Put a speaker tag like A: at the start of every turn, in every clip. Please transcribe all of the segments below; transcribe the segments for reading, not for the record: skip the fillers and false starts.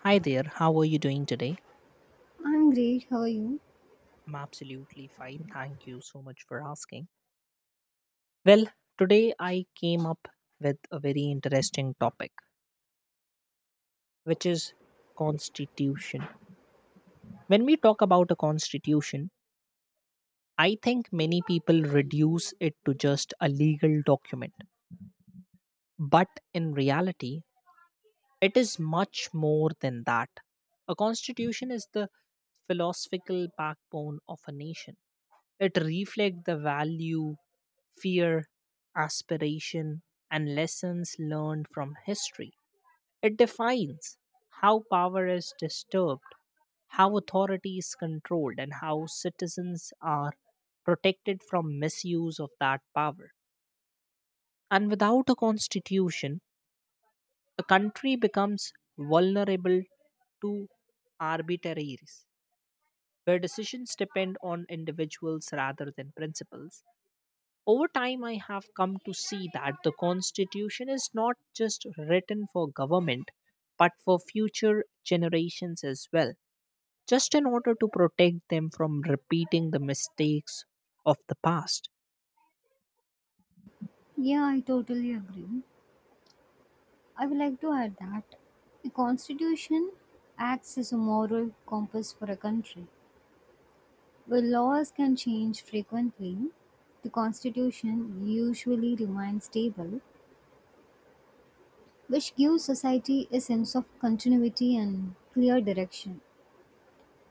A: Hi there, how are you doing today?
B: I'm great, how are you?
A: I'm absolutely fine. Thank you so much for asking. Well, today I came up with a very interesting topic, which is constitution. When we talk about a constitution, I think many people reduce it to just a legal document. But in reality, it is much more than that. A constitution is the philosophical backbone of a nation. It reflects the value fear, aspiration, and lessons learned from history. It defines how power is disturbed, how authority is controlled, and how citizens are protected from misuse of that power. And without a constitution, a country becomes vulnerable to arbitraries, where decisions depend on individuals rather than principles. Over time, I have come to see that the Constitution is not just written for government, but for future generations as well, just in order to protect them from repeating the mistakes of the past.
B: Yeah, I totally agree. I would like to add that the Constitution acts as a moral compass for a country. While laws can change frequently, the Constitution usually remains stable, which gives society a sense of continuity and clear direction.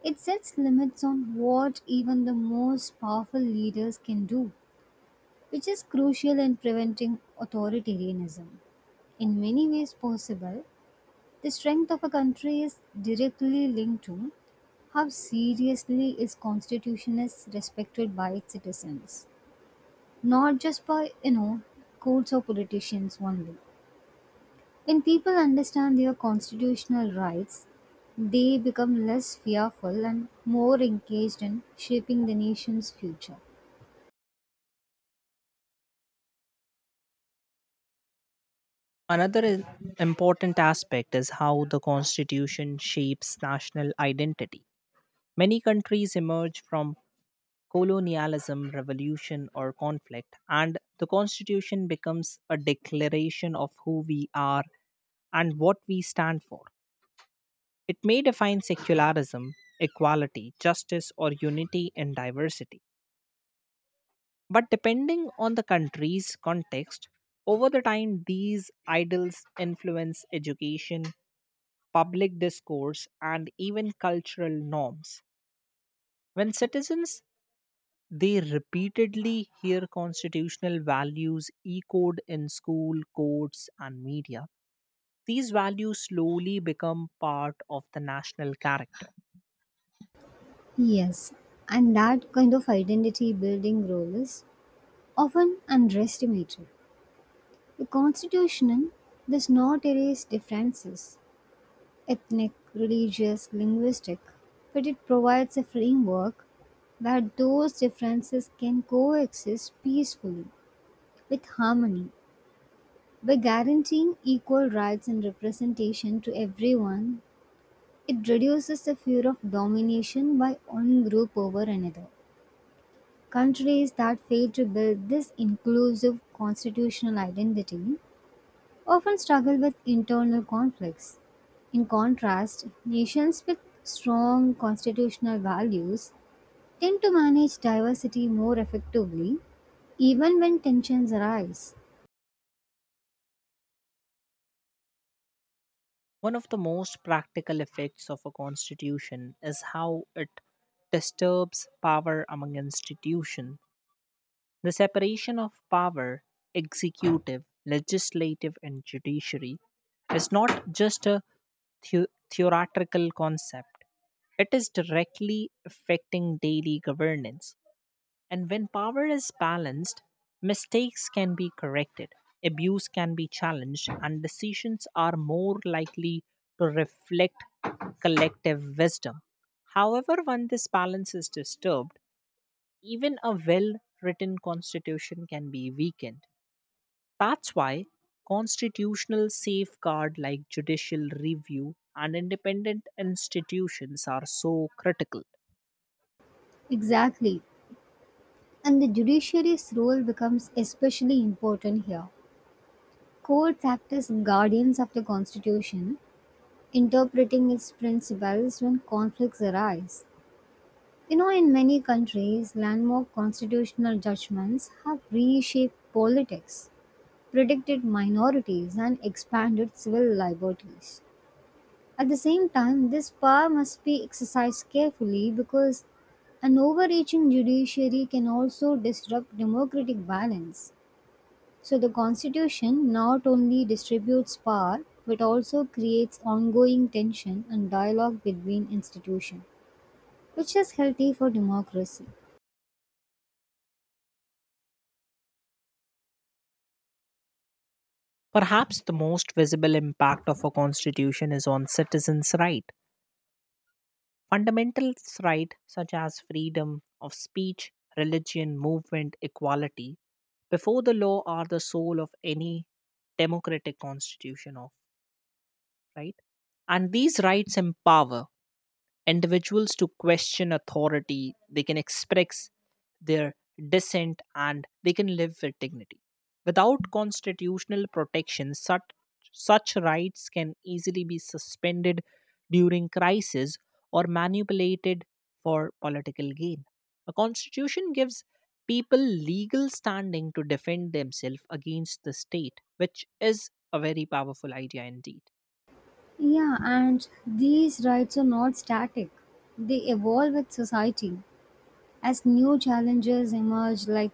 B: It sets limits on what even the most powerful leaders can do, which is crucial in preventing authoritarianism. In many ways possible, the strength of a country is directly linked to how seriously its constitution is respected by its citizens, not just by courts or politicians only. When people understand their constitutional rights, they become less fearful and more engaged in shaping the nation's future.
A: Another important aspect is how the Constitution shapes national identity. Many countries emerge from colonialism, revolution, or conflict, and the Constitution becomes a declaration of who we are and what we stand for. It may define secularism, equality, justice, or unity in diversity. But depending on the country's context, over the time, these ideals influence education, public discourse, and even cultural norms. When citizens they repeatedly hear constitutional values echoed in school, courts, and media. These values slowly become part of the national character.
B: Yes, and that kind of identity building role is often underestimated. The Constitution does not erase differences, ethnic, religious, linguistic, but it provides a framework where those differences can coexist peacefully with harmony. By guaranteeing equal rights and representation to everyone, it reduces the fear of domination by one group over another. Countries that fail to build this inclusive constitutional identity often struggle with internal conflicts. In contrast, nations with strong constitutional values tend to manage diversity more effectively even when tensions arise.
A: One of the most practical effects of a constitution is how it disturbs power among institutions. The separation of power, executive, legislative, and judiciary, is not just a theoretical concept. It is directly affecting daily governance. And when power is balanced, mistakes can be corrected, abuse can be challenged, and decisions are more likely to reflect collective wisdom. However, when this balance is disturbed, even a well written constitution can be weakened. That's why constitutional safeguard like judicial review and independent institutions are so critical.
B: Exactly. And the judiciary's role becomes especially important here. Courts act as guardians of the Constitution, interpreting its principles when conflicts arise. You know, in many countries, landmark constitutional judgments have reshaped politics, protected minorities, and expanded civil liberties. At the same time, this power must be exercised carefully because an overreaching judiciary can also disrupt democratic balance. So, the constitution not only distributes power but also creates ongoing tension and dialogue between institutions, which is healthy for democracy.
A: Perhaps the most visible impact of a constitution is on citizens' rights. Fundamental rights such as freedom of speech, religion, movement, equality before the law are the soul of any democratic constitution of right, and these rights empower individuals to question authority, they can express their dissent, and they can live with dignity. Without constitutional protection, such rights can easily be suspended during crisis or manipulated for political gain. A constitution gives people legal standing to defend themselves against the state, which is a very powerful idea indeed.
B: Yeah, and these rights are not static. They evolve with society as new challenges emerge, like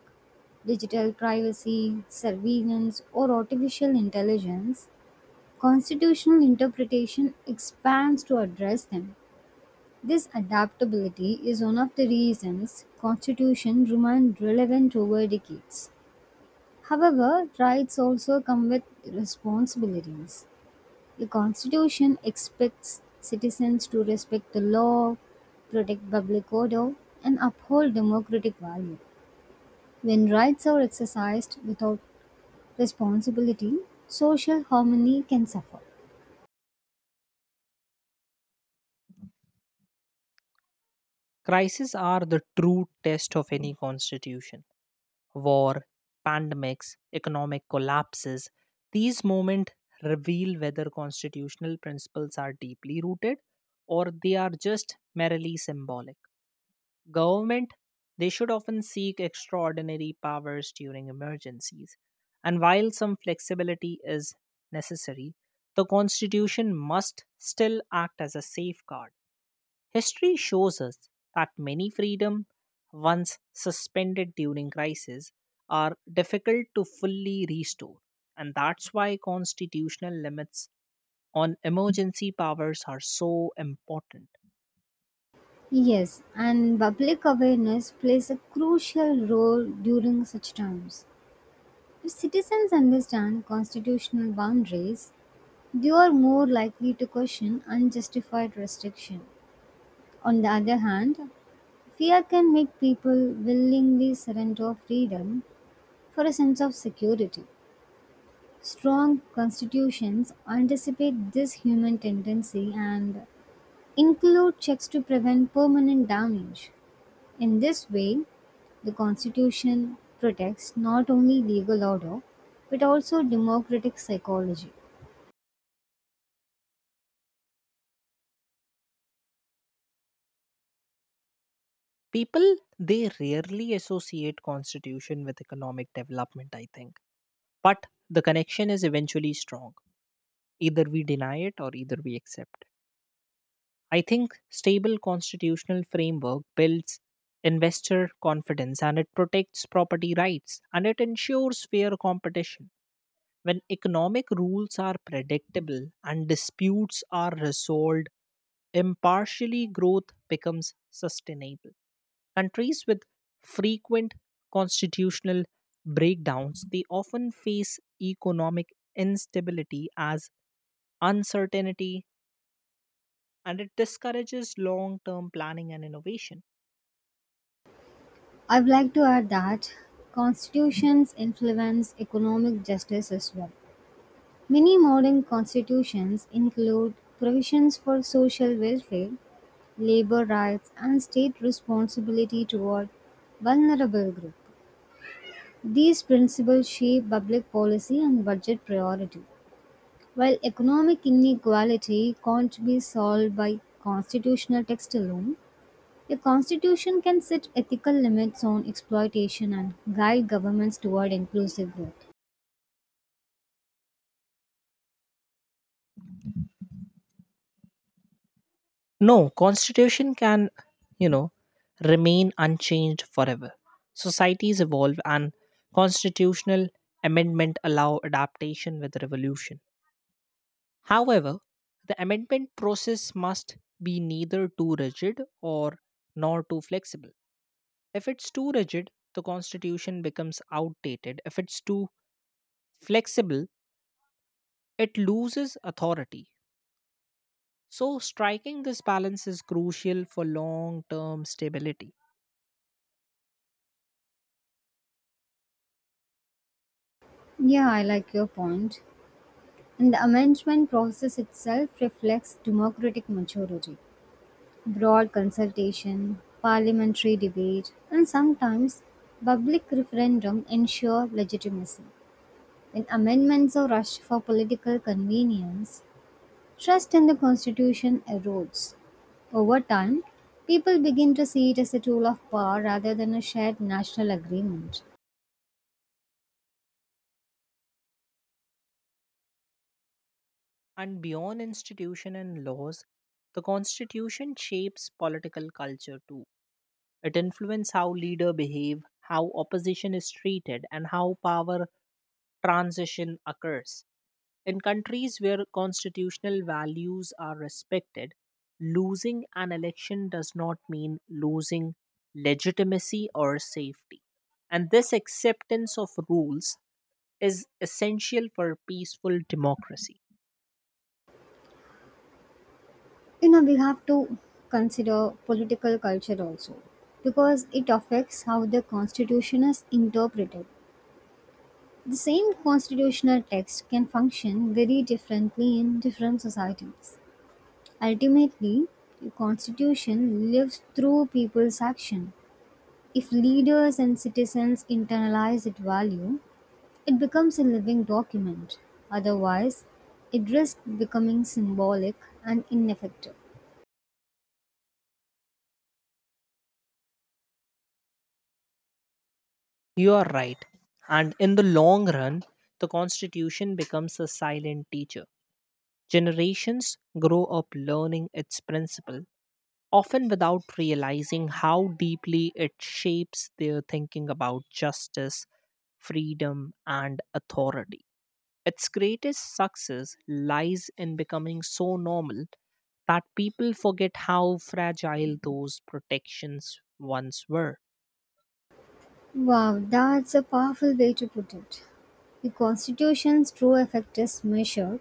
B: digital privacy, surveillance, or artificial intelligence. Constitutional interpretation expands to address them. This adaptability is one of the reasons constitutions remain relevant over decades. However, rights also come with responsibilities. The Constitution expects citizens to respect the law, protect public order, and uphold democratic value. When rights are exercised without responsibility, social harmony can suffer.
A: Crises are the true test of any constitution. War, pandemics, economic collapses, these moments reveal whether constitutional principles are deeply rooted or they are just merely symbolic. Government, they should often seek extraordinary powers during emergencies. And while some flexibility is necessary, the Constitution must still act as a safeguard. History shows us that many freedom once suspended during crisis are difficult to fully restore, and that's why constitutional limits on emergency powers are so important.
B: Yes, and public awareness plays a crucial role during such times. If citizens understand constitutional boundaries, they are more likely to question unjustified restriction. On the other hand, fear can make people willingly surrender freedom for a sense of security. Strong constitutions anticipate this human tendency and include checks to prevent permanent damage. In this way, the Constitution protects not only legal order but also democratic psychology.
A: People they rarely associate constitution with economic development I think, but the connection is eventually strong, either we deny it or either we accept. I think stable constitutional framework builds investor confidence and it protects property rights and it ensures fair competition. When economic rules are predictable and disputes are resolved impartially, growth becomes sustainable. Countries with frequent constitutional breakdowns they often face economic instability as uncertainty, and it discourages long-term planning and innovation.
B: I'd like to add that constitutions influence economic justice as well. Many modern constitutions include provisions for social welfare, labor rights, and state responsibility toward vulnerable groups. These principles shape public policy and budget priority. While economic inequality can't be solved by constitutional text alone, a constitution can set ethical limits on exploitation and guide governments toward inclusive growth.
A: No, constitution can, you know, remain unchanged forever. Societies evolve and constitutional amendment allow adaptation with revolution. However, the amendment process must be neither too rigid or nor too flexible. If it's too rigid, the constitution becomes outdated. If it's too flexible, it loses authority. So, striking this balance is crucial for long term stability.
B: Yeah, I like your point. And the amendment process itself reflects democratic maturity, broad consultation, parliamentary debate, and sometimes public referendum ensure legitimacy. When amendments are rushed for political convenience, trust in the constitution erodes. Over time, people begin to see it as a tool of power rather than a shared national agreement.
A: And beyond institution and laws, the constitution shapes political culture too. It influences how leaders behave, how opposition is treated, and how power transition occurs. In countries where constitutional values are respected, losing an election does not mean losing legitimacy or safety. And this acceptance of rules is essential for peaceful democracy.
B: You know, we have to consider political culture also, because it affects how the constitution is interpreted. The same constitutional text can function very differently in different societies. Ultimately, the constitution lives through people's action. If leaders and citizens internalize its value, it becomes a living document. Otherwise, it risks becoming symbolic and ineffective.
A: You are right. And in the long run, the Constitution becomes a silent teacher. Generations grow up learning its principle, often without realizing how deeply it shapes their thinking about justice, freedom, and authority. Its greatest success lies in becoming so normal that people forget how fragile those protections once were.
B: Wow, that's a powerful way to put it. The Constitution's true effect is measured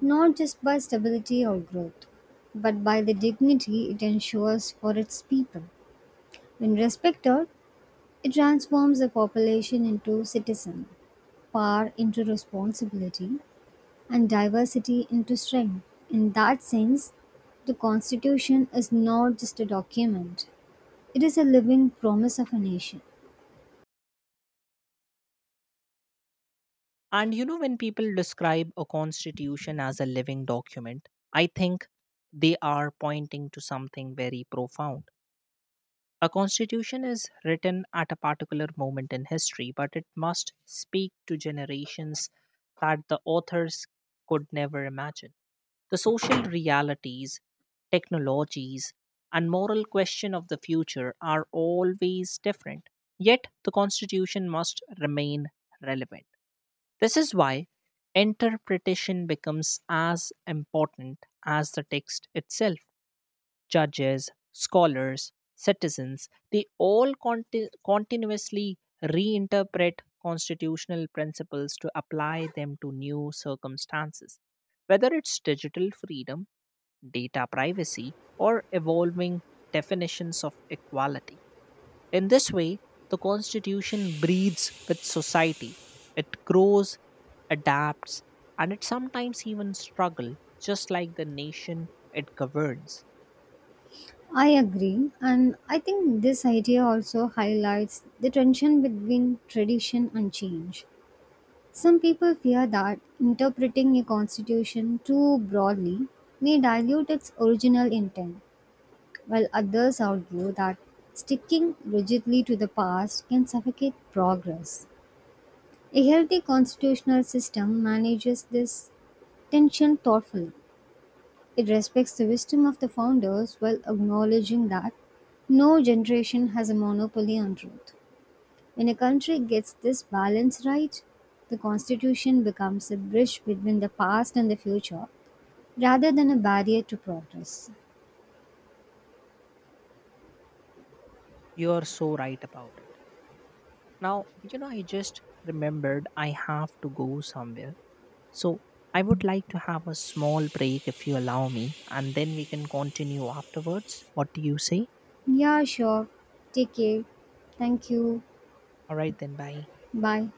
B: not just by stability or growth, but by the dignity it ensures for its people. When respected, it transforms the population into citizen, power into responsibility, and diversity into strength. In that sense, the Constitution is not just a document, it is a living promise of a nation.
A: And you know, when people describe a constitution as a living document, I think they are pointing to something very profound. A constitution is written at a particular moment in history, but it must speak to generations that the authors could never imagine. The social realities, technologies, and moral question of the future are always different. Yet the constitution must remain relevant. This is why interpretation becomes as important as the text itself. Judges, scholars, citizens, they all continuously reinterpret constitutional principles to apply them to new circumstances. Whether it's digital freedom, data privacy, or evolving definitions of equality. In this way, the Constitution breathes with society. It grows, adapts, and it sometimes even struggles, just like the nation it governs.
B: I agree, and I think this idea also highlights the tension between tradition and change. Some people fear that interpreting a constitution too broadly may dilute its original intent, while others argue that sticking rigidly to the past can suffocate progress. A healthy constitutional system manages this tension thoughtfully. It respects the wisdom of the founders while acknowledging that no generation has a monopoly on truth. When a country gets this balance right, the constitution becomes a bridge between the past and the future rather than a barrier to progress.
A: You're so right about it. Now, you know, I just remembered I have to go somewhere. So I would like to have a small break if you allow me, and then we can continue afterwards. What do you say?
B: Yeah, sure. Take care. Thank you.
A: All right, then, bye.
B: Bye.